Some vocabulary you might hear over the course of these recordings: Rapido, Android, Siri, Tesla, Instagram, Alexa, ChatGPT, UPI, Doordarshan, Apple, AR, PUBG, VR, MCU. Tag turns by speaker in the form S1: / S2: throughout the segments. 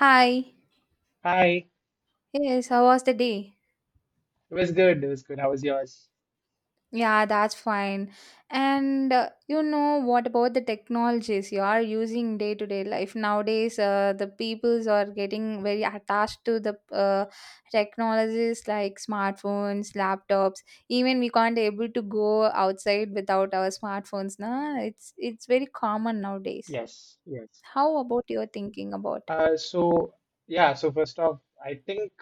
S1: Hi.
S2: Hi, it
S1: Yes, how was the day?
S2: was good. It was good. How was yours?
S1: Yeah, that's fine. And what about the technologies you are using day to day life nowadays? The peoples are getting very attached to the technologies like smartphones, laptops. Even we can't able to go outside without our smartphones. Nah, it's very common nowadays.
S2: Yes, yes.
S1: How about your thinking about?
S2: So yeah, so first off, I think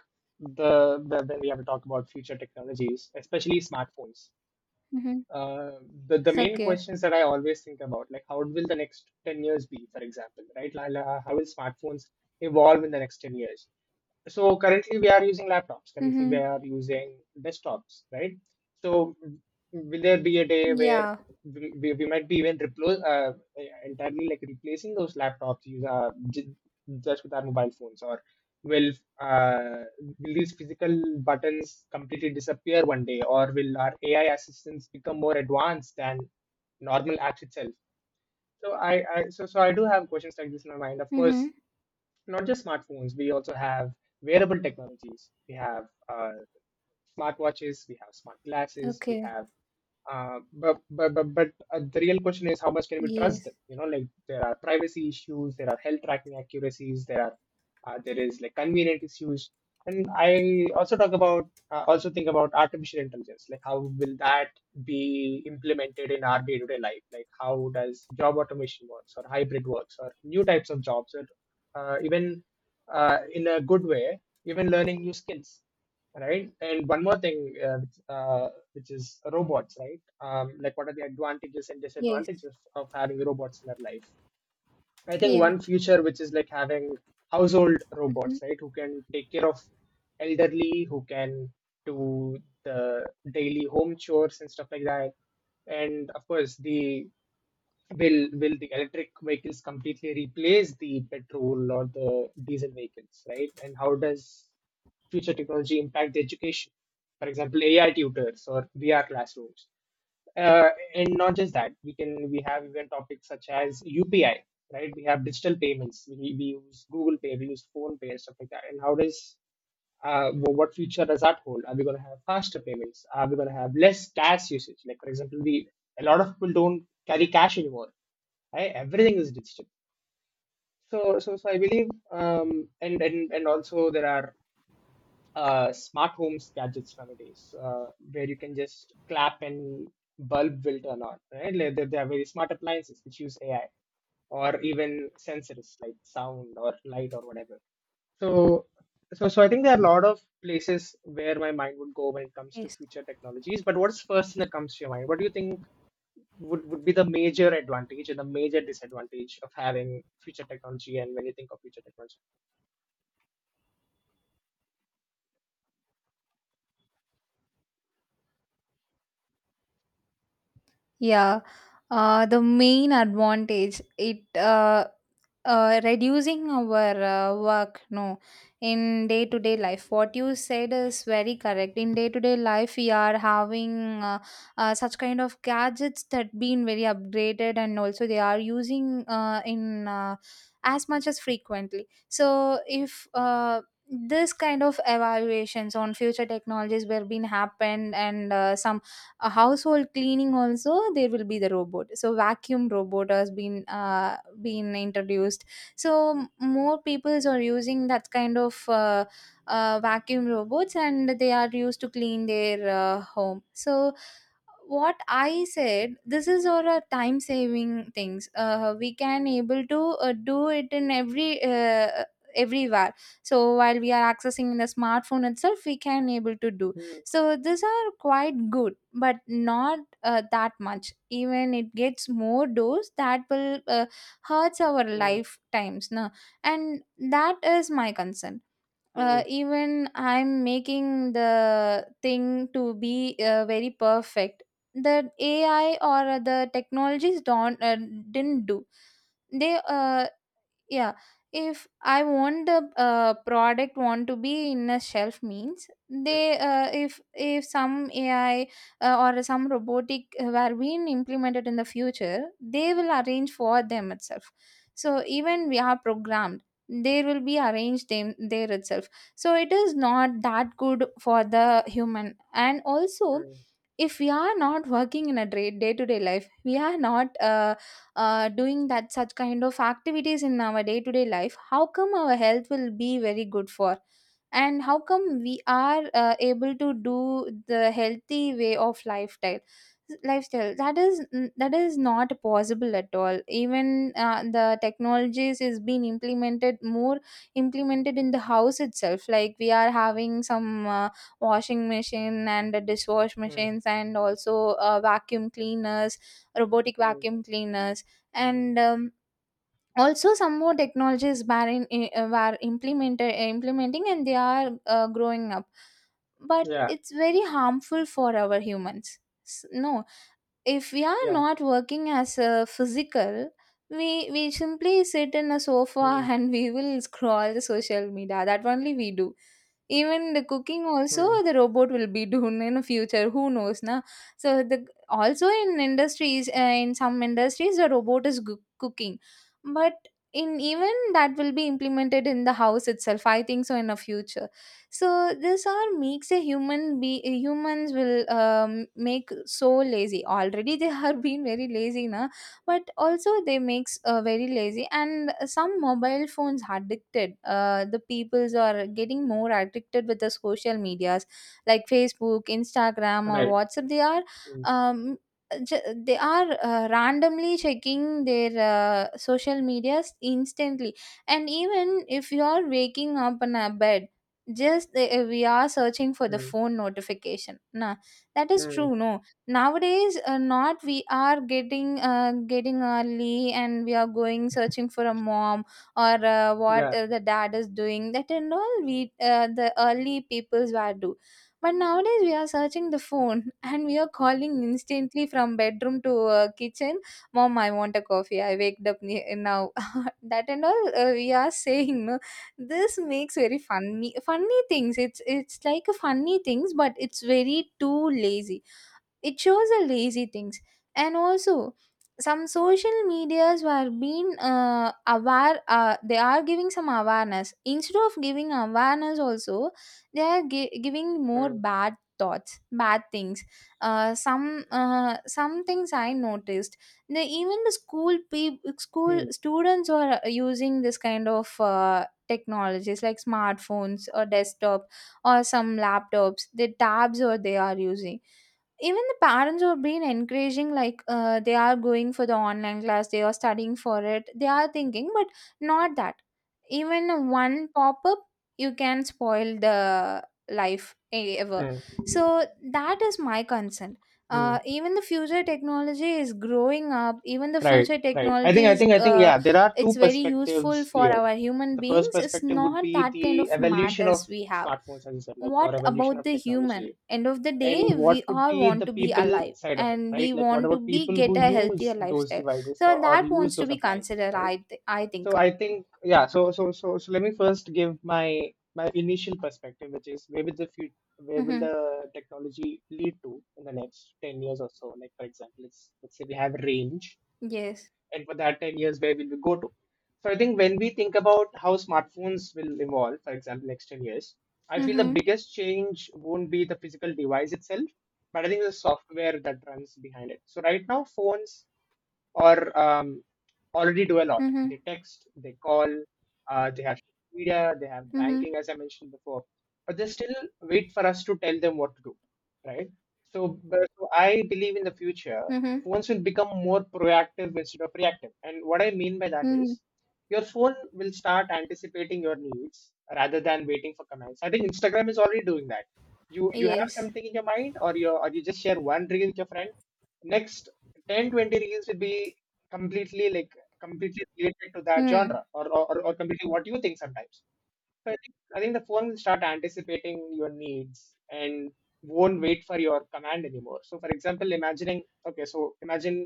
S2: the when we have to talk about future technologies, especially smartphones,
S1: Mm-hmm.
S2: uh, the main
S1: Okay.
S2: questions that I always think about, like how will the next 10 years be, for example, right? Like, how will smartphones evolve in the next 10 years? So currently we are using laptops, currently we
S1: Mm-hmm.
S2: are using desktops, right? So will there be a day where
S1: Yeah.
S2: we might be even entirely like replacing those laptops just with our mobile phones, or will will these physical buttons completely disappear one day, or will our AI assistants become more advanced than normal apps itself? So I so so I do have questions like this in my mind. Of course,
S1: Mm-hmm.
S2: not just smartphones, we also have wearable technologies. We have uh, smartwatches, we have smart glasses, we
S1: Okay.
S2: have but the real question is, how much can we trust them?
S1: Yes.
S2: You know, like there are privacy issues, there are health tracking accuracies, there are there is like convenient issues, and I also talk about also think about artificial intelligence, like how will that be implemented in our day-to-day life? Like how does job automation works, or hybrid works, or new types of jobs, or even in a good way, even learning new skills, right? And one more thing, which is robots, right? Like, what are the advantages and
S1: Yes.
S2: disadvantages of having robots in our life? I think
S1: Yeah.
S2: one future which is like having household
S1: Hmm.
S2: robots, right, who can take care of elderly, who can do the daily home chores and stuff like that. And of course, the will the electric vehicles completely replace the petrol or the diesel vehicles, right? And how does future technology impact the education, for example, AI tutors or VR classrooms? And not just that, we can we have even topics such as UPI, right? We have digital payments, we use Google Pay, we use Phone Pay and stuff like that. And how does what future does that hold? Are we going to have faster payments? Are we going to have less cash usage? Like, for example, the a lot of people don't carry cash anymore. Right? Everything is digital. So so so I believe, and also there are smart homes gadgets nowadays, where you can just clap and bulb will turn on, right? Like there are very smart appliances which use AI or even sensors like sound or light or whatever. So, so, so I think there are a lot of places where my mind would go when it comes to
S1: Yes.
S2: future technologies. But what's first that comes to your mind? What do you think would be the major advantage and the major disadvantage of having future technology, and when you think of future technology?
S1: Yeah. The main advantage it reducing our work, no, in day to day life what you said is very correct. In day to day life we are having such kind of gadgets that been very upgraded, and also they are using in as much as frequently. So if this kind of evaluations on future technologies were being happened, and some a household cleaning also, there will be the robot. So vacuum robot has been introduced, so more peoples are using that kind of vacuum robots, and they are used to clean their home. So what I said, this is all a time saving things. We can able to do it in every everywhere. So while we are accessing the smartphone itself, we can able to do.
S2: Hmm,
S1: So these are quite good, but not that much. Even it gets more dose, that will hurts our
S2: hmm,
S1: lifetimes, no. And that is my concern.
S2: hmm,
S1: Even I'm making the thing to be very perfect, the AI or the technologies don't didn't do. They yeah, if I want the product want to be in a shelf means,
S2: hmm,
S1: they if some AI or some robotic were being implemented in the future, they will arrange for them itself. So even we are programmed, they will be arranged them there itself. So it is not that good for the human. And also,
S2: hmm,
S1: if we are not working in a day to day life, we are not doing that such kind of activities in our day to day life, how come our health will be very good for? And how come we are able to do the healthy way of lifestyle lifestyle? That is, that is not possible at all. Even the technologies is being implemented more, implemented in the house itself, like we are having some washing machine and the dishwash
S2: hmm.
S1: machines, and also vacuum cleaners, robotic
S2: Mm.
S1: vacuum cleaners. And also some more technologies were, in, were implemented, implementing, and they are growing up, but
S2: Yeah,
S1: it's very harmful for our humans. No, if we are
S2: yeah.
S1: not working as a physical, we simply sit in a sofa
S2: Mm.
S1: and we will scroll the social media, that only we do. Even the cooking also,
S2: Mm.
S1: the robot will be doing in the future, who knows na. So the, also in industries, in some industries the robot is cooking. But in even that will be implemented in the house itself, I think so, in the future. So this all makes a human be, humans will make so lazy. Already they are being very lazy now, but also they makes very lazy and some mobile phones addicted. The peoples are getting more addicted with the social medias, like Facebook, Instagram, or
S2: Right.
S1: WhatsApp. They are
S2: Mm.
S1: um, they are randomly checking their social medias instantly. And even if you are waking up in a bed, we are searching for the
S2: Mm.
S1: phone notification, nah. That is
S2: Mm.
S1: true, no. Nowadays not we are getting getting early, and we are going searching for a mom, or
S2: Yeah.
S1: what the dad is doing, that and all we the early peoples were do. But nowadays we are searching the phone and we are calling instantly from bedroom to kitchen, mom I want a coffee, I waked up now that and all we are saying, no. This makes very funny funny things. It's like a funny things, but it's very too lazy. It shows the lazy things. And also some social medias were being aware, they are giving some awareness. Instead of giving awareness also, they are giving more
S2: Mm.
S1: bad thoughts, bad things. Some some things I noticed, the even the school people, school
S2: Mm.
S1: students, are using this kind of technologies like smartphones, or desktop, or some laptops, the tabs, or they are using. Even the parents have been encouraging, like they are going for the online class, they are studying for it, they are thinking, but not that. Even one pop-up, you can spoil the life, ever.
S2: Mm.
S1: So that is my concern.
S2: Mm.
S1: Even the future technology is growing up, even the
S2: Right,
S1: future
S2: right. I think,
S1: technology
S2: I
S1: is
S2: think, I think, yeah, there are two
S1: it's very useful
S2: perspectives
S1: for
S2: here.
S1: our human
S2: The first
S1: beings. It's
S2: perspective would
S1: not
S2: be
S1: that kind
S2: the
S1: of
S2: evolution
S1: matters
S2: of
S1: we have.
S2: smartphones, as you said, like, or
S1: What
S2: evolution
S1: about
S2: of
S1: the human?
S2: technology.
S1: End of the
S2: And
S1: day, we
S2: what would
S1: all
S2: be
S1: want
S2: the
S1: to be
S2: people
S1: alive
S2: side of it,
S1: and
S2: right?
S1: we
S2: Like, what
S1: want to
S2: about
S1: be
S2: people
S1: get
S2: who
S1: a healthier
S2: use those
S1: lifestyle.
S2: devices,
S1: So
S2: or
S1: that
S2: use
S1: wants to
S2: those
S1: be
S2: appliances,
S1: considered,
S2: right?
S1: I
S2: So
S1: think.
S2: I think, yeah, so let me first give my initial perspective, which is where will the future, where will
S1: Mm-hmm.
S2: the technology lead to in the next 10 years or so? Like for example, let's say we have range,
S1: Yes.
S2: and for that 10 years, where will we go to? So I think when we think about how smartphones will evolve, for example, next 10 years, I feel the
S1: Mm-hmm.
S2: biggest change won't be the physical device itself, but I think the software that runs behind it. So right now, phones or already do a lot.
S1: Mm-hmm.
S2: They text, they call, they have social media, they have
S1: Mm-hmm.
S2: banking, as I mentioned before, but they still wait for us to tell them what to do, right? So, so I believe in the future,
S1: Mm-hmm.
S2: phones will become more proactive instead of reactive. And what I mean by that
S1: Mm-hmm.
S2: is, your phone will start anticipating your needs rather than waiting for commands. I think Instagram is already doing that. You have
S1: Yes.
S2: something in your mind, or you just share one reel with your friend, next 10 20 reels will be completely like completely related to that
S1: Mm.
S2: genre, or or completely what you think sometimes. So I think the phone will start anticipating your needs and won't wait for your command anymore. So for example, imagining, okay, so imagine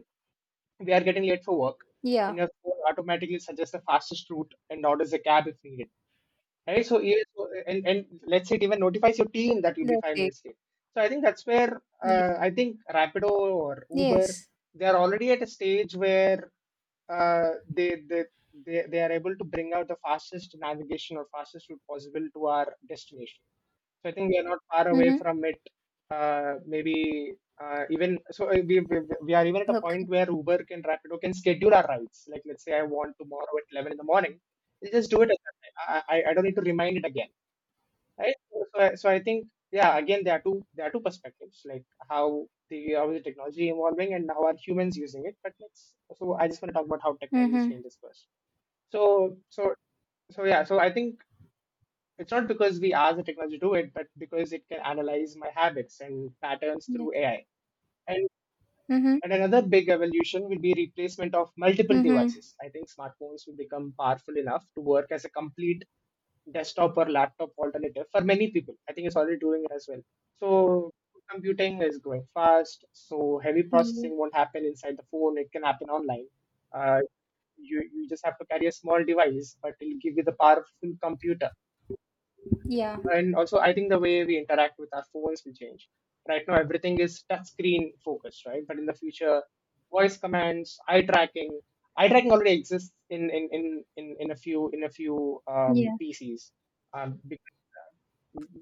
S2: we are getting late for work,
S1: Yeah,
S2: and your phone automatically suggests the fastest route and orders a cab if needed. Right? So, yeah, so and let's say it even notifies your team that you'll be
S1: that's
S2: five
S1: it.
S2: minutes late. So I think that's where
S1: Ye-
S2: I think Rapido or Uber,
S1: yes.
S2: they are already at a stage where uh, they, they they are able to bring out the fastest navigation or fastest route possible to our destination. So I think we are not far away
S1: Mm-hmm.
S2: from it. Maybe even so, we are even at a
S1: Okay.
S2: point where Uber can Rapido can schedule our rides. Like let's say I want tomorrow at 11 in the morning, they just do it. At that time. I don't need to remind it again, right? So, so I think, yeah, again there are two perspectives, like how the how is the technology evolving and how are humans using it. But let's so I just want to talk about how technology
S1: Mm-hmm.
S2: changes first. So so so yeah, so I think, it's not because we ask the technology to do it, but because it can analyze my habits and patterns
S1: Yes.
S2: through AI. And
S1: Mm-hmm.
S2: and another big evolution will be replacement of multiple
S1: Mm-hmm.
S2: devices. I think smartphones will become powerful enough to work as a complete desktop or laptop alternative for many people. I think it's already doing it as well. So computing is growing fast. So heavy
S1: Yeah.
S2: processing won't happen inside the phone. It can happen online. Uh, you just have to carry a small device, but it'll give you the powerful computer.
S1: Yeah.
S2: And also, I think the way we interact with our phones will change. Right now everything is touch screen focused, right? But in the future, voice commands, eye tracking, eye tracking already exists in a few, in a few
S1: Yeah.
S2: PCs, um, because,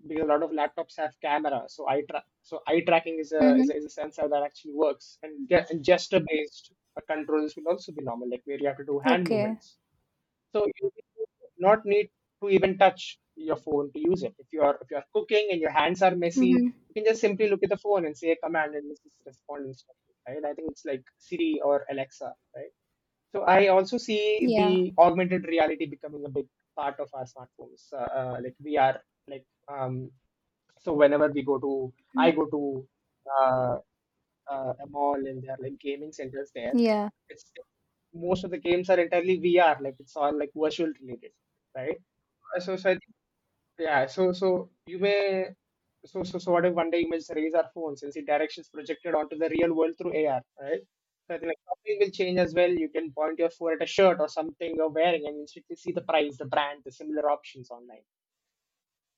S2: because a lot of laptops have cameras, so eye tracking is a, is
S1: Mm-hmm.
S2: a is a sensor that actually works, and, and gesture based controls will also be normal, like where you have to do hand
S1: Okay.
S2: movements, so you not need to even touch your phone to use it. If you are cooking and your hands are messy,
S1: Mm-hmm.
S2: you can just simply look at the phone and say a command and it's just respond instantly, right? I think it's like Siri or Alexa, right? So I also see
S1: Yeah.
S2: the augmented reality becoming a big part of our smartphones. Like we are like so whenever we go to, I
S1: Mm.
S2: go to. Uh, a mall, and there are like gaming centers there.
S1: Yeah.
S2: It's most of the games are entirely VR, like it's all like virtual related, right? So, so I think, yeah, so so you may so so so what if one day images raise our phones and see directions projected onto the real world through AR, right? So I think like shopping will change as well. You can point your phone at a shirt or something you're wearing and instantly see the price, the brand, the similar options online.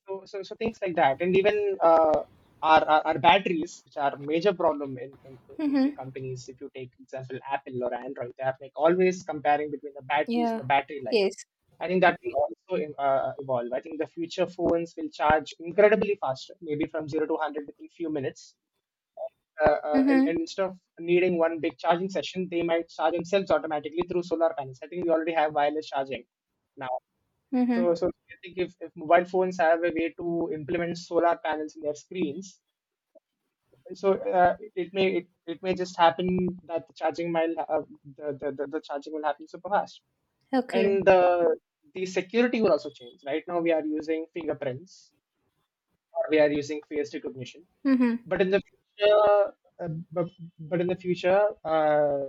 S2: So, so, so things like that. And even our batteries, which are a major problem in few
S1: Mm-hmm.
S2: companies. If you take example Apple or Android, they are like always comparing between the batteries and
S1: Yeah.
S2: the battery life.
S1: Yes.
S2: I think that will also evolve. I think the future phones will charge incredibly faster, maybe from 0 to 100 within few minutes.
S1: Mhm.
S2: And instead of needing one big charging session, they might charge themselves automatically through solar panels. I think we already have wireless charging now. So,
S1: Mhm.
S2: so I think if mobile phones have a way to implement solar panels in their screens, so it may it may just happen that the charging mile the charging will happen super fast,
S1: Okay.
S2: and the security will also change. Right now we are using fingerprints, or we are using face recognition,
S1: Mhm.
S2: but uh, but, in the future. Uh,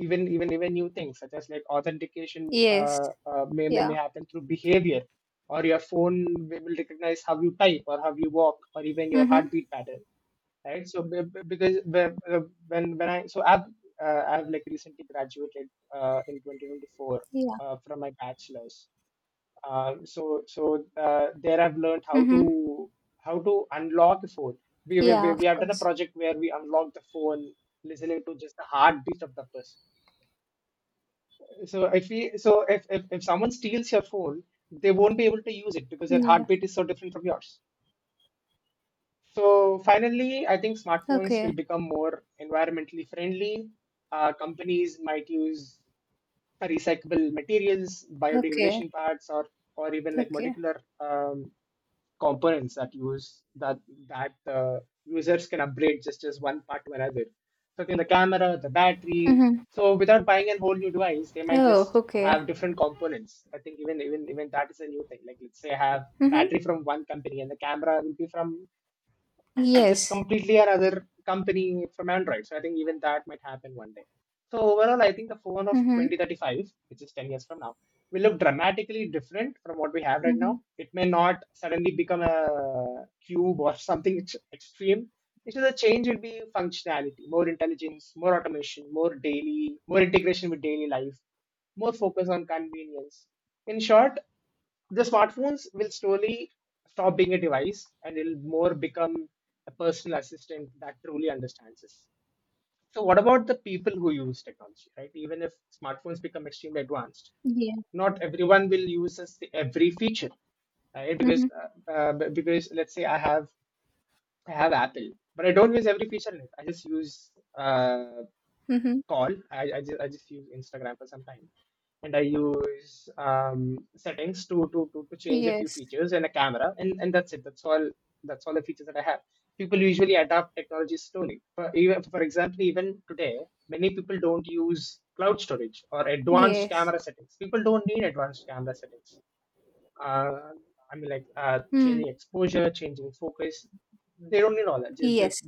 S2: even even even new things such as like authentication,
S1: Yes.
S2: uh, uh, may, may
S1: Yeah.
S2: may happen through behavior, or your phone will recognize how you type or how you walk or even your
S1: Mhm.
S2: heartbeat pattern, right? So when I so I've I've like recently graduated in 2024
S1: Yeah.
S2: from my bachelor's. There I've learned how to
S1: Mhm.
S2: unlock the phone. we, we,
S1: Yeah,
S2: we
S1: of
S2: we have done a
S1: course.
S2: project where we unlock the phone listening to just the heartbeat of the person. So I feel, so if someone steals your phone, they won't be able to use it because their
S1: Yeah.
S2: heartbeat is so different from yours. So finally, I think smartphones will
S1: Okay.
S2: become more environmentally friendly. Companies might use recyclable materials,
S1: Okay.
S2: biodegradation parts, or even like
S1: Okay.
S2: molecular components that users can upgrade just as one part to another. So in the camera, the battery.
S1: Mhm.
S2: So without buying a whole new device, they might
S1: Oh,
S2: just
S1: okay.
S2: have different components. I think even that is a new thing. Like, let's say I have
S1: Mhm.
S2: battery from one company and the camera will be from just
S1: Yes.
S2: completely another company from Android. So I think even that might happen one day. So overall, I think the phone of
S1: Mhm.
S2: 2035, which is 10 years from now, will look dramatically different from what we have right
S1: Mhm.
S2: now. It may not suddenly become a cube or something extreme. It's just a change will be functionality, more intelligence, more automation, more daily, more integration with daily life, more focus on convenience. In short, the smartphones will slowly stop being a device, and it'll more become a personal assistant that truly understands us. So what about the people who use technology, right? Even if smartphones become extremely advanced,
S1: Yeah.
S2: not everyone will use every feature, right? Because
S1: Mhm.
S2: uh, uh, b- because let's say I have Apple, but I don't use every feature in it. I just use uh,
S1: Mhm.
S2: call I just use Instagram for some time, and I use settings to change a few
S1: Yes.
S2: features and a camera, and that's it, that's all the features that I have. People usually adapt technology slowly. For example, even today, many people don't use cloud storage or advanced
S1: Yes.
S2: camera settings. People don't need advanced camera settings. uh, I mean, like, changing
S1: Mm.
S2: exposure, changing focus. They don't need all that. They, they,
S1: Yes.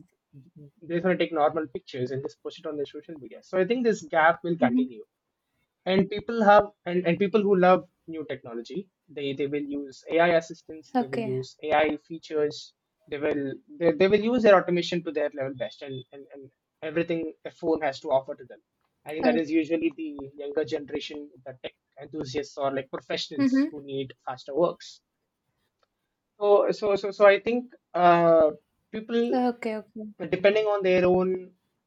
S2: they just want to take normal pictures and just post it on their social media. So I think this gap will
S1: Mhm.
S2: continue, and people who love new technology, they will use AI assistants. They will
S1: Okay.
S2: use AI features. They will they, they will use their automation to their level best, and everything a phone has to offer to them. I think that
S1: Oh.
S2: is usually the younger generation, the tech enthusiasts, or like professionals
S1: Mhm.
S2: who need faster works. So I think, people,
S1: Okay. Okay.
S2: depending on their own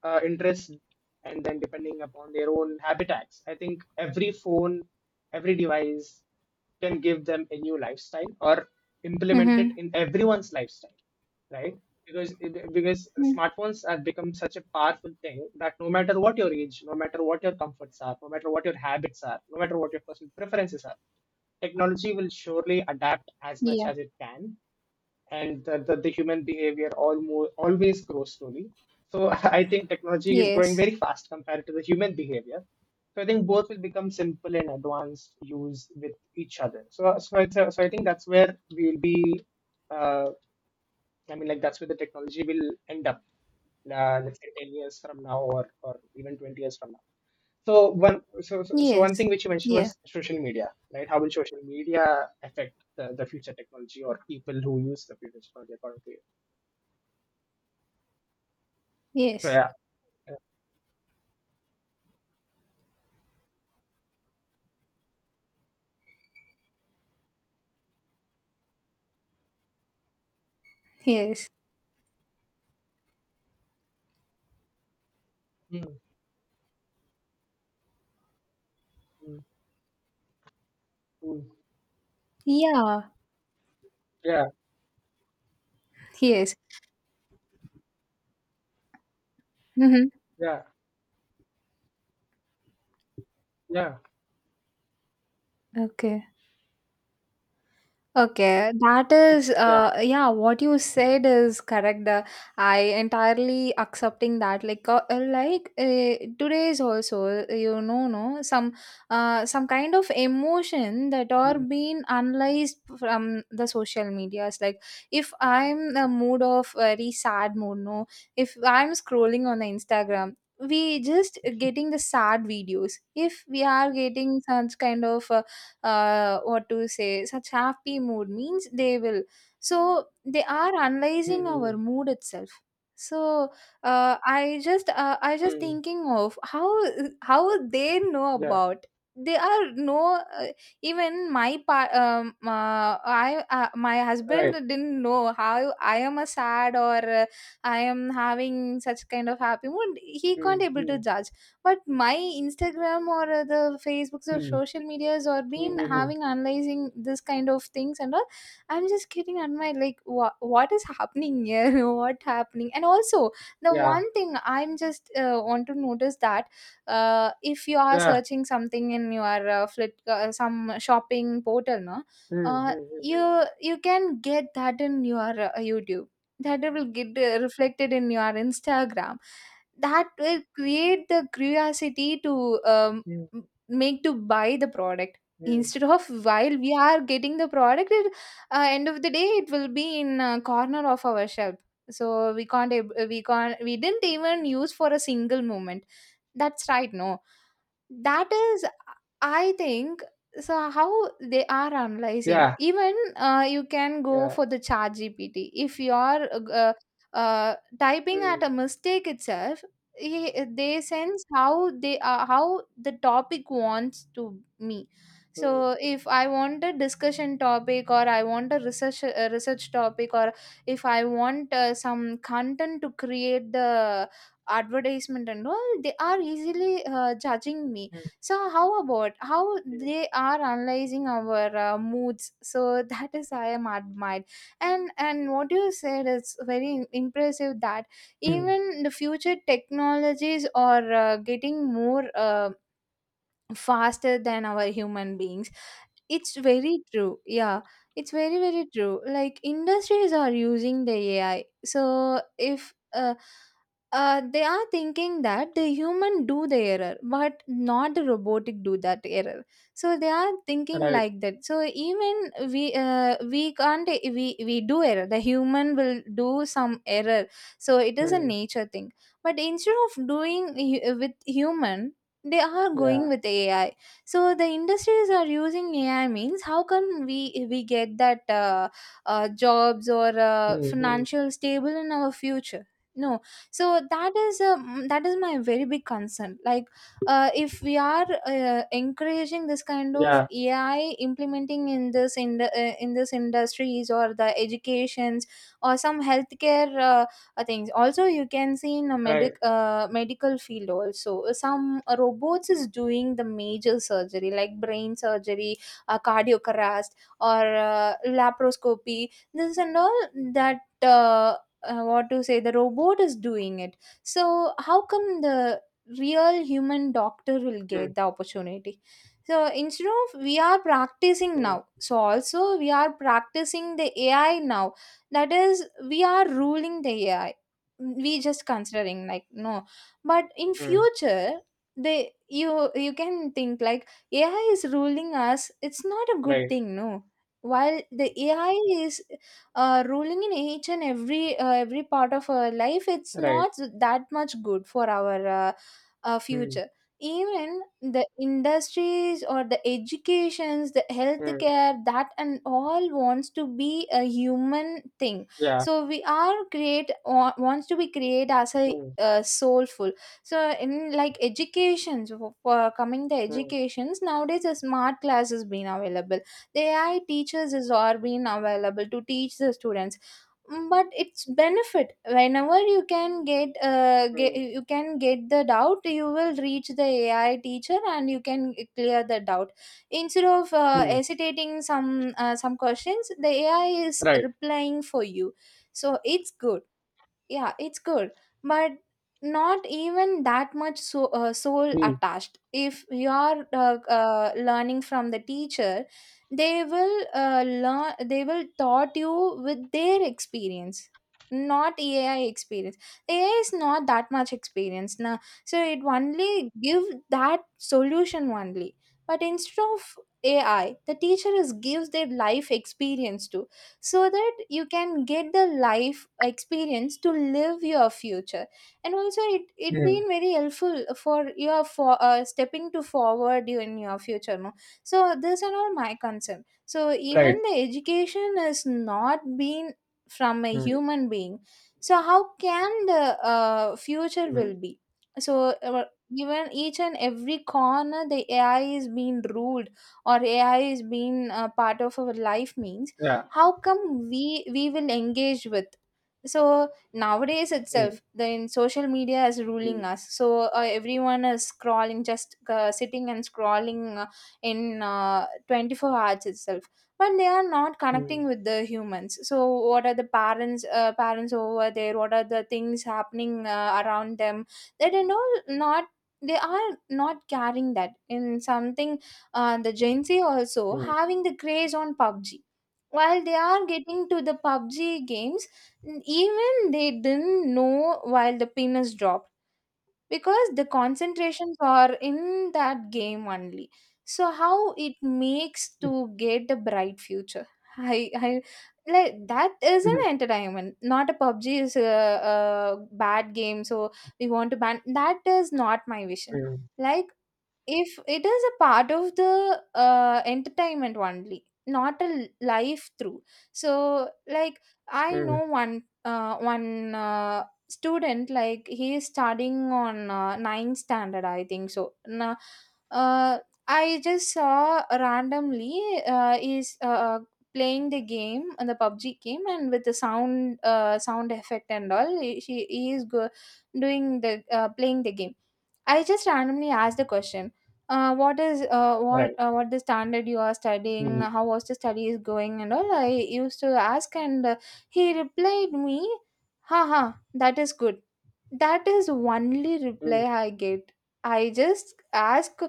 S2: interests, and then depending upon their own habitats. I think every phone, every device can give them a new lifestyle, or implement it
S1: Mhm.
S2: in everyone's lifestyle, right? Because
S1: Mm.
S2: smartphones have become such a powerful thing that no matter what your age, no matter what your comforts are, no matter what your habits are, no matter what your personal preferences are, technology will surely adapt as much
S1: Yeah.
S2: as it can, and the human behavior almost always grows slowly. So I think technology is growing
S1: Yes.
S2: very fast compared to the human behavior. So I think both will become simple and advanced, use with each other. So I think that's where we will be. Uh, I mean, like, that's where the technology will end up. Let's say 10 years from now, or even 20 years from now. So one
S1: Yes.
S2: thing which you mentioned
S1: Yeah.
S2: was social media, right? How will social media affect the future technology, or people who use the future technology, according to you? So
S1: Yes.
S2: yeah. Yeah.
S1: Yes.
S2: Mm, mm, mm.
S1: Yeah.
S2: Yeah,
S1: Yes. Mhm.
S2: yeah, yeah,
S1: Okay. Okay, that is,
S2: yeah.
S1: yeah, what you said is correct. I entirely accepting that. Like today's also, no some, some kind of emotion that are
S2: Mm,
S1: being analyzed from the social medias. Like, if I'm in a mood of very sad mood, no, if I'm scrolling on the Instagram, we just getting the sad videos. If we are getting such kind of what to say, such happy mood means, they will, so they are
S2: mm,
S1: analyzing our
S2: mm,
S1: mood itself. So I
S2: mm,
S1: just
S2: mm.
S1: thinking of how they know
S2: Yeah,
S1: about. They are no, even my pa- I my husband
S2: right.
S1: didn't know how I am a sad, or I am having such kind of happy mood, he can't
S2: Mm,
S1: able to
S2: mm,
S1: judge. But my Instagram, or the Facebooks,
S2: mm,
S1: or
S2: mm,
S1: social medias, or
S2: mm,
S1: been
S2: mm. Mm.
S1: having analyzing this kind of things and all. I'm just getting on my like, what is happening here what happening. And also the
S2: Yeah,
S1: one thing I'm just want to notice that, if you are
S2: yeah.
S1: searching something in your some shopping portal, no,
S2: Mm, mm, mm,
S1: uh,
S2: mm, mm,
S1: you you can get that in your YouTube, that will get reflected in your Instagram. That will create the curiosity to
S2: mm.
S1: make to buy the product.
S2: Mm.
S1: Instead of while we are getting the product, it, end of the day, it will be in a corner of our shelf, so we can't ab- we can't, we didn't even use for a single moment. That's right, no. That is, I think, so how, they are analyzing,
S2: Yeah,
S1: even you can go
S2: yeah.
S1: for the chat gpt if you are uh, typing at
S2: Mm,
S1: a mistake itself, they sense how they are, how the topic wants to me. So
S2: mm,
S1: if I want a discussion topic, or I want a research, a research topic, or if I want some content to create the advertisement and all, they are easily judging me.
S2: mm,
S1: So how about how
S2: mm, mm,
S1: they are analyzing our moods, so that is I am admired. And what you said is very impressive, that
S2: mm.
S1: even the future technologies are getting more faster than our human beings. It's very true, yeah. It's very very true, like industries are using the AI. So if they are thinking that the human do the error, but not the robotic do that error. So they are thinking
S2: Right.
S1: like that, so even we can't, we do error, the human will do some error. So it is a
S2: Mm,
S1: nature thing, but instead of doing with human, they are going
S2: yeah.
S1: with AI. So the industries are using AI means, how can we get that jobs or
S2: Mm, mm,
S1: financial stable in our future? No, so that is my very big concern. Like, if we are encouraging this kind of
S2: yeah,
S1: AI implementing in this in this industries or the educations or some healthcare things also you can see in a
S2: right.
S1: medical field also some robots is doing the major surgery like brain surgery, cardiocrast or laparoscopy this and all that what to say, the robot is doing it. So how come the real human doctor will
S2: Mm,
S1: get the opportunity? So instead of we are practicing
S2: mm,
S1: now, so also we are practicing the ai now, that is we are ruling the ai. We just considering like no, but in
S2: mm,
S1: future they, you can think like ai is ruling us. It's not a good
S2: right,
S1: thing, no. While the ai is ruling in each and every part of our life, it's
S2: right.
S1: not that much good for our
S2: Mm,
S1: future. Even the industries or the educations, the
S2: mm,
S1: healthcare, that and all wants to be a human thing.
S2: yeah.
S1: So we are wants to be create as a
S2: Mm,
S1: soulful. So in like educations, for coming the
S2: mm,
S1: educations nowadays, a smart class has been available. The ai teachers is are being available to teach the students. Mm, but it's benefit whenever you can get,
S2: mm,
S1: you can get the doubt, you will reach the ai teacher and you can clear the doubt, instead of
S2: mm,
S1: hesitating some questions, the ai is
S2: right.
S1: replying for you. So it's good, yeah it's good, but not even that much soul
S2: Mm,
S1: attached. If you're learning from the teacher, they will learn, they will taught you with their experience, not ai experience. Ai is not that much experience now, so it only give that solution only. But instead of ai, the teacher is gives their life experience to, so that you can get the life experience to live your future. And also it
S2: mm,
S1: been very helpful for your for stepping to forward you in your future, no. So this and all my concern, so
S2: right.
S1: even the education is not being from a
S2: Mm,
S1: human being. So how can the future will
S2: mm,
S1: be? So even each and every corner, the ai is being ruled or ai is being a part of our life means,
S2: yeah.
S1: how come we will engage with. So nowadays
S2: Mm,
S1: itself, the in social media is ruling
S2: mm,
S1: us, so everyone is scrolling, just sitting and scrolling, in 24 hours itself. But they are not
S2: mm,
S1: connecting with the humans, so what are the parents over there, what are the things happening around them, they don't know, not. They are not carrying that in something. The gen z also
S2: mm,
S1: having the craze on pubg. While they are getting to the PUBG games, even they didn't know while the pin is dropped, because the concentrations are in that game only. So how it makes to get the bright future? I like that is an
S2: mm,
S1: entertainment, not a, PUBG is a bad game. So we want to ban, that is not my vision.
S2: mm,
S1: Like if it is a part of the entertainment only, not a life through. So like I
S2: mm,
S1: know one student, like he is studying on ninth standard I think. So now, uh, I just saw randomly, is playing the game, the pubg game, and with the sound, sound effect and all, he is doing the, playing the game. I just randomly asked the question, what is
S2: right.
S1: what the standard you are studying,
S2: Mm,
S1: how was the study is going and all, I used to ask. And He replied me, haha, that is good. That is only reply
S2: mm,
S1: I get. I just ask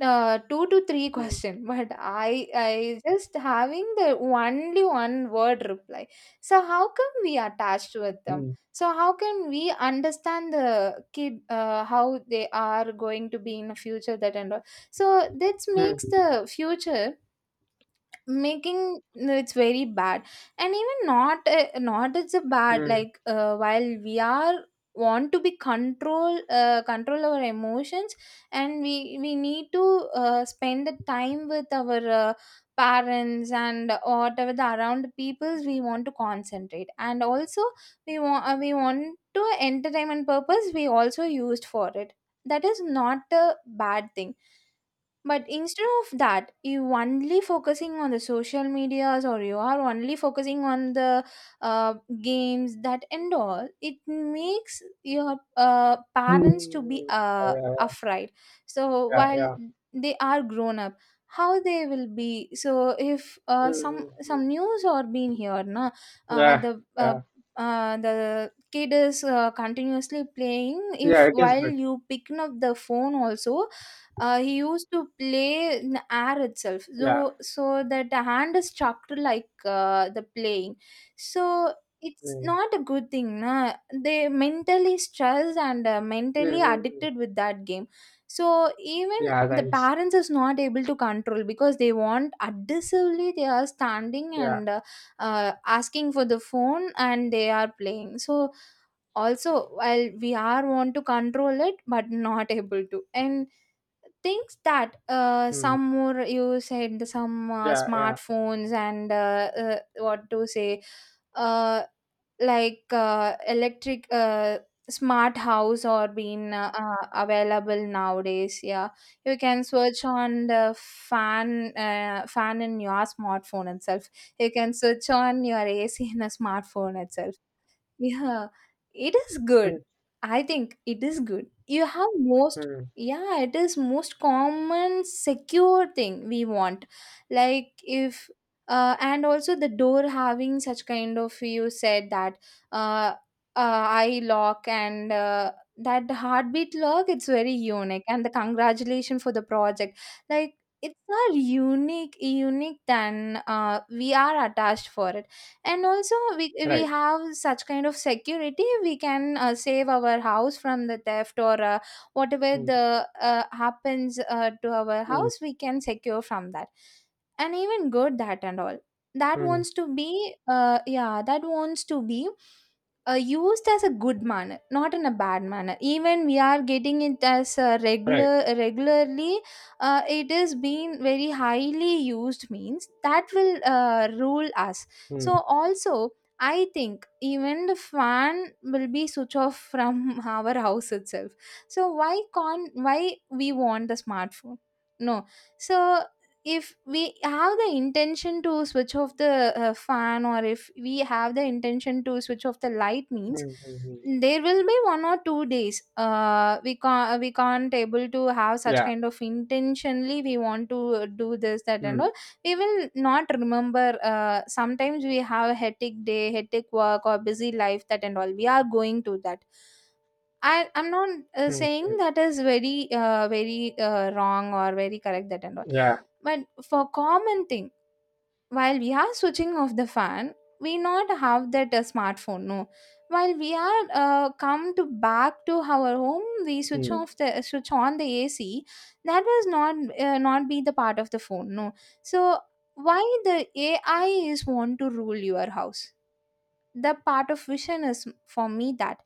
S1: two to three
S2: mm,
S1: question but i just having the only one word reply. So how come we attached with them?
S2: mm,
S1: So how can we understand the kid, how they are going to be in the future, that and all. So this
S2: mm,
S1: makes the future making, it's very bad. And even not, not it's a bad,
S2: mm,
S1: like while we are want to be control control our emotions. And we need to spend the time with our parents, and whatever the around peoples we want to concentrate. And also we want to entertainment purpose, we also used for it. That is not a bad thing. But instead of that, you only focusing on the social medias, or you are only focusing on the uh, games that and all, it makes your parents to be
S2: mm, yeah, yeah, yeah.
S1: afraid. So while
S2: Yeah,
S1: they are grown up, how they will be? So if
S2: mm,
S1: some
S2: mm, mm,
S1: some news or being here, na, uh,
S2: yeah,
S1: the uh,
S2: yeah.
S1: the kid is continuously playing. If
S2: Yeah, it is
S1: while
S2: good.
S1: you picking up the phone also, he used to play in the air itself.
S2: Yeah.
S1: So so that the hand is chucked, like the playing. So it's
S2: Mm,
S1: not a good thing, na? They mentally stressed and
S2: mm,
S1: mentally
S2: mm, mm.
S1: addicted with that game. So even
S2: Yeah.
S1: the
S2: Thanks.
S1: parents is not able to control, because they want aggressively they are standing
S2: Yeah.
S1: and asking for the phone and they are playing. So also while we are want to control it, but not able to. And things that
S2: Mm,
S1: some more you said, the some
S2: yeah, yeah.
S1: smartphones and what to say, uh, like electric smart house or being available nowadays. Yeah, you can search on the fan in your smartphone itself, you can search on your ac in a smartphone itself. Yeah, it is
S2: Mm,
S1: good. I think it is good. You have most,
S2: mm,
S1: yeah, it is most common secure thing we want. Like if, and also the door having such kind of, you said that, uh, eye lock and that heartbeat lock, it's very unique. And the congratulation for the project. Like, it's not unique than we are attached for it. And also we
S2: right.
S1: have such kind of security, we can save our house from the theft, or whatever
S2: Mm,
S1: the happens to our
S2: mm.
S1: house, we can secure from that. And even good that and all, that
S2: Mm,
S1: wants to be yeah, that wants to be used as a good manner, not in a bad manner. Even we are getting it as a
S2: right.
S1: regularly, it is being very highly used means that will rule us. So
S2: Mm,
S1: also I think even the fan will be switch off from our house itself. So why can't, why we want the smartphone, no. So if we have the intention to switch off the fan, or if we have the intention to switch off the light
S2: mm,
S1: means,
S2: mm, mm.
S1: there will be one or two days we can't, we can't able to have such
S2: Yeah.
S1: kind of, intentionally we want to do this that and
S2: Mm,
S1: all. We will not remember, sometimes we have a hectic day, hectic work or busy life that and all, we are going to that. I'm not
S2: mm,
S1: saying
S2: mm.
S1: that is very wrong or very correct that and all.
S2: Yeah.
S1: But for common thing, while we are switching off the fan, we not have that smartphone, no. While we are come to back to our home, we
S2: Mm,
S1: switch on the ac, that was not not be the part of the phone, no. So why the ai is want to rule your house? The part of vision is for me that,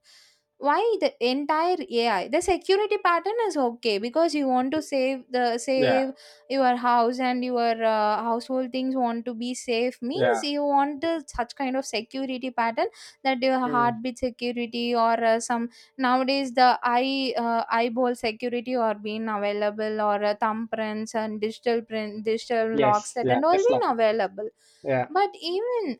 S1: why the entire ai. The security pattern is okay, because you want to
S2: yeah.
S1: save your house and your household things want to be safe means,
S2: Yeah.
S1: you want the, such kind of security pattern. That your
S2: Mm,
S1: heartbeat security, or some, nowadays the eyeball security or being available, or thumbprints and digital locks
S2: yes.
S1: that
S2: Yeah.
S1: and all being
S2: Tesla.
S1: available.
S2: Yeah.
S1: But even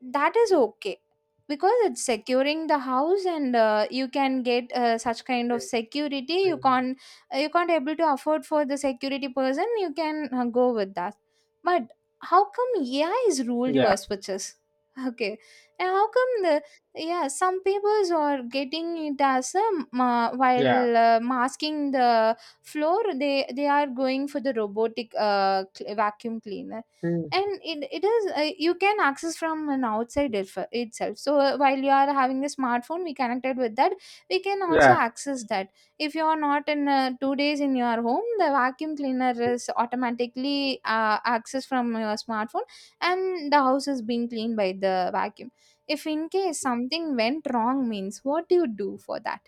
S1: that is okay, because it's securing the house, and you can get such kind of
S2: Mm,
S1: security. You
S2: mm, mm.
S1: can't you can't able to afford for the security person, you can go with that. But how come ai is ruled your
S2: Yeah.
S1: switches? Okay. And how come the, yeah, some peoples are getting it as a
S2: Yeah.
S1: while masking the floor, they are going for the robotic vacuum cleaner.
S2: Mm,
S1: And it is you can access from an outside if, itself. So while you are having a smartphone, we connected with that, we can also
S2: yeah.
S1: access that. If you are not in two days in your home, the vacuum cleaner is automatically accessed from your smartphone, and the house is being cleaned by the vacuum. If in case something went wrong means, what do you do for that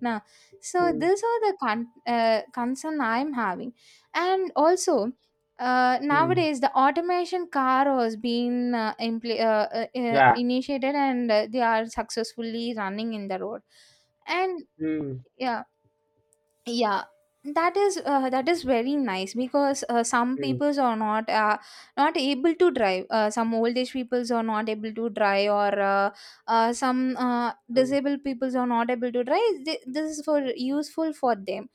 S1: now? So
S2: Mm,
S1: these are the concern I'm having. And also
S2: mm,
S1: nowadays, the automation car has been
S2: yeah.
S1: initiated, and they are successfully running in the road. And
S2: Mm,
S1: yeah, yeah, that is very nice, because some
S2: mm,
S1: peoples are not able to drive, some old age peoples are not able to drive, or some
S2: mm.
S1: disabled peoples are not able to drive. This is for useful for them.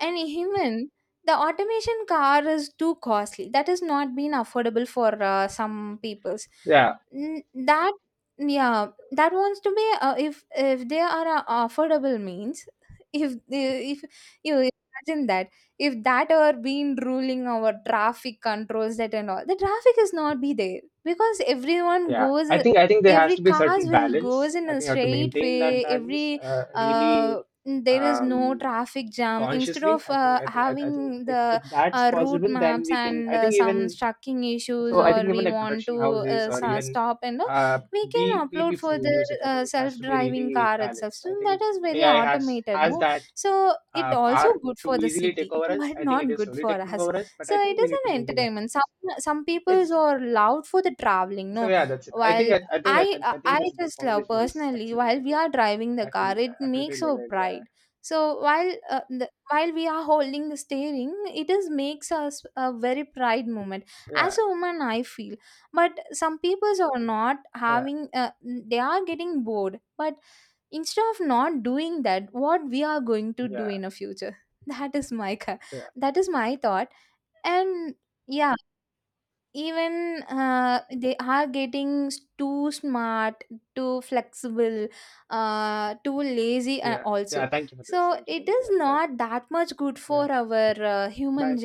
S1: And even the automation car is too costly, that has not been affordable for some peoples.
S2: Yeah.
S1: That, yeah that wants to be if they are affordable means, if you imagine that, if that were been ruling our traffic controls that and all, the traffic is not be there, because everyone
S2: Yeah.
S1: goes,
S2: I think there has
S1: every
S2: to be a
S1: cars
S2: certain
S1: will
S2: balance.
S1: goes
S2: I
S1: in a
S2: think you have to
S1: straight
S2: maintain that
S1: way.
S2: balance,
S1: Every uh,
S2: really,
S1: there is no
S2: um,
S1: traffic jam. Instead
S2: consciously.
S1: of
S2: I think I think I, I think
S1: having
S2: if,
S1: the
S2: that's
S1: route
S2: possible, then
S1: maps
S2: we can.
S1: and
S2: I think
S1: some
S2: even
S1: trucking issues,
S2: So I think
S1: or
S2: even
S1: we
S2: like
S1: want
S2: production
S1: to
S2: houses, or even
S1: stop and all, we
S2: we
S1: can
S2: we
S1: upload
S2: people
S1: for
S2: who
S1: the
S2: use it, I think it has to be
S1: self-driving
S2: really
S1: car itself,
S2: balanced.
S1: so
S2: I think
S1: that is very
S2: AI has
S1: automated,
S2: has
S1: no.
S2: that
S1: So it also
S2: power
S1: good
S2: to
S1: for the
S2: easily take
S1: city,
S2: over us.
S1: but
S2: I think it
S1: not
S2: is
S1: good
S2: slowly
S1: for
S2: taking
S1: us.
S2: over us, but
S1: So
S2: I
S1: it
S2: think we
S1: is
S2: need to
S1: an
S2: maintain that
S1: entertainment.
S2: balance.
S1: Some people's
S2: It's
S1: are loud for the traveling,
S2: So
S1: no.
S2: yeah, that's it. I think
S1: While
S2: I, I think I,
S1: I I
S2: I think
S1: I
S2: this
S1: just love
S2: conversation was
S1: personally,
S2: excellent. I
S1: while we
S2: think
S1: are driving the
S2: I feel
S1: car, it
S2: I feel
S1: makes
S2: really
S1: our
S2: good. Yeah,
S1: pride. So while we are holding the steering, it is makes us a very pride moment. As
S2: yeah,
S1: a woman, I feel, but some people are not
S2: yeah,
S1: having. They are getting bored, but instead of not doing that, what we are going to do
S2: yeah,
S1: in a future, that is my
S2: yeah,
S1: that is my thought. And yeah, even they are getting too smart, too flexible, too lazy
S2: yeah, yeah.
S1: also.
S2: Thank you for this.
S1: So
S2: Thank you for
S1: it
S2: this.
S1: is
S2: Yeah, but
S1: not that much good
S2: yeah,
S1: for our human
S2: bye.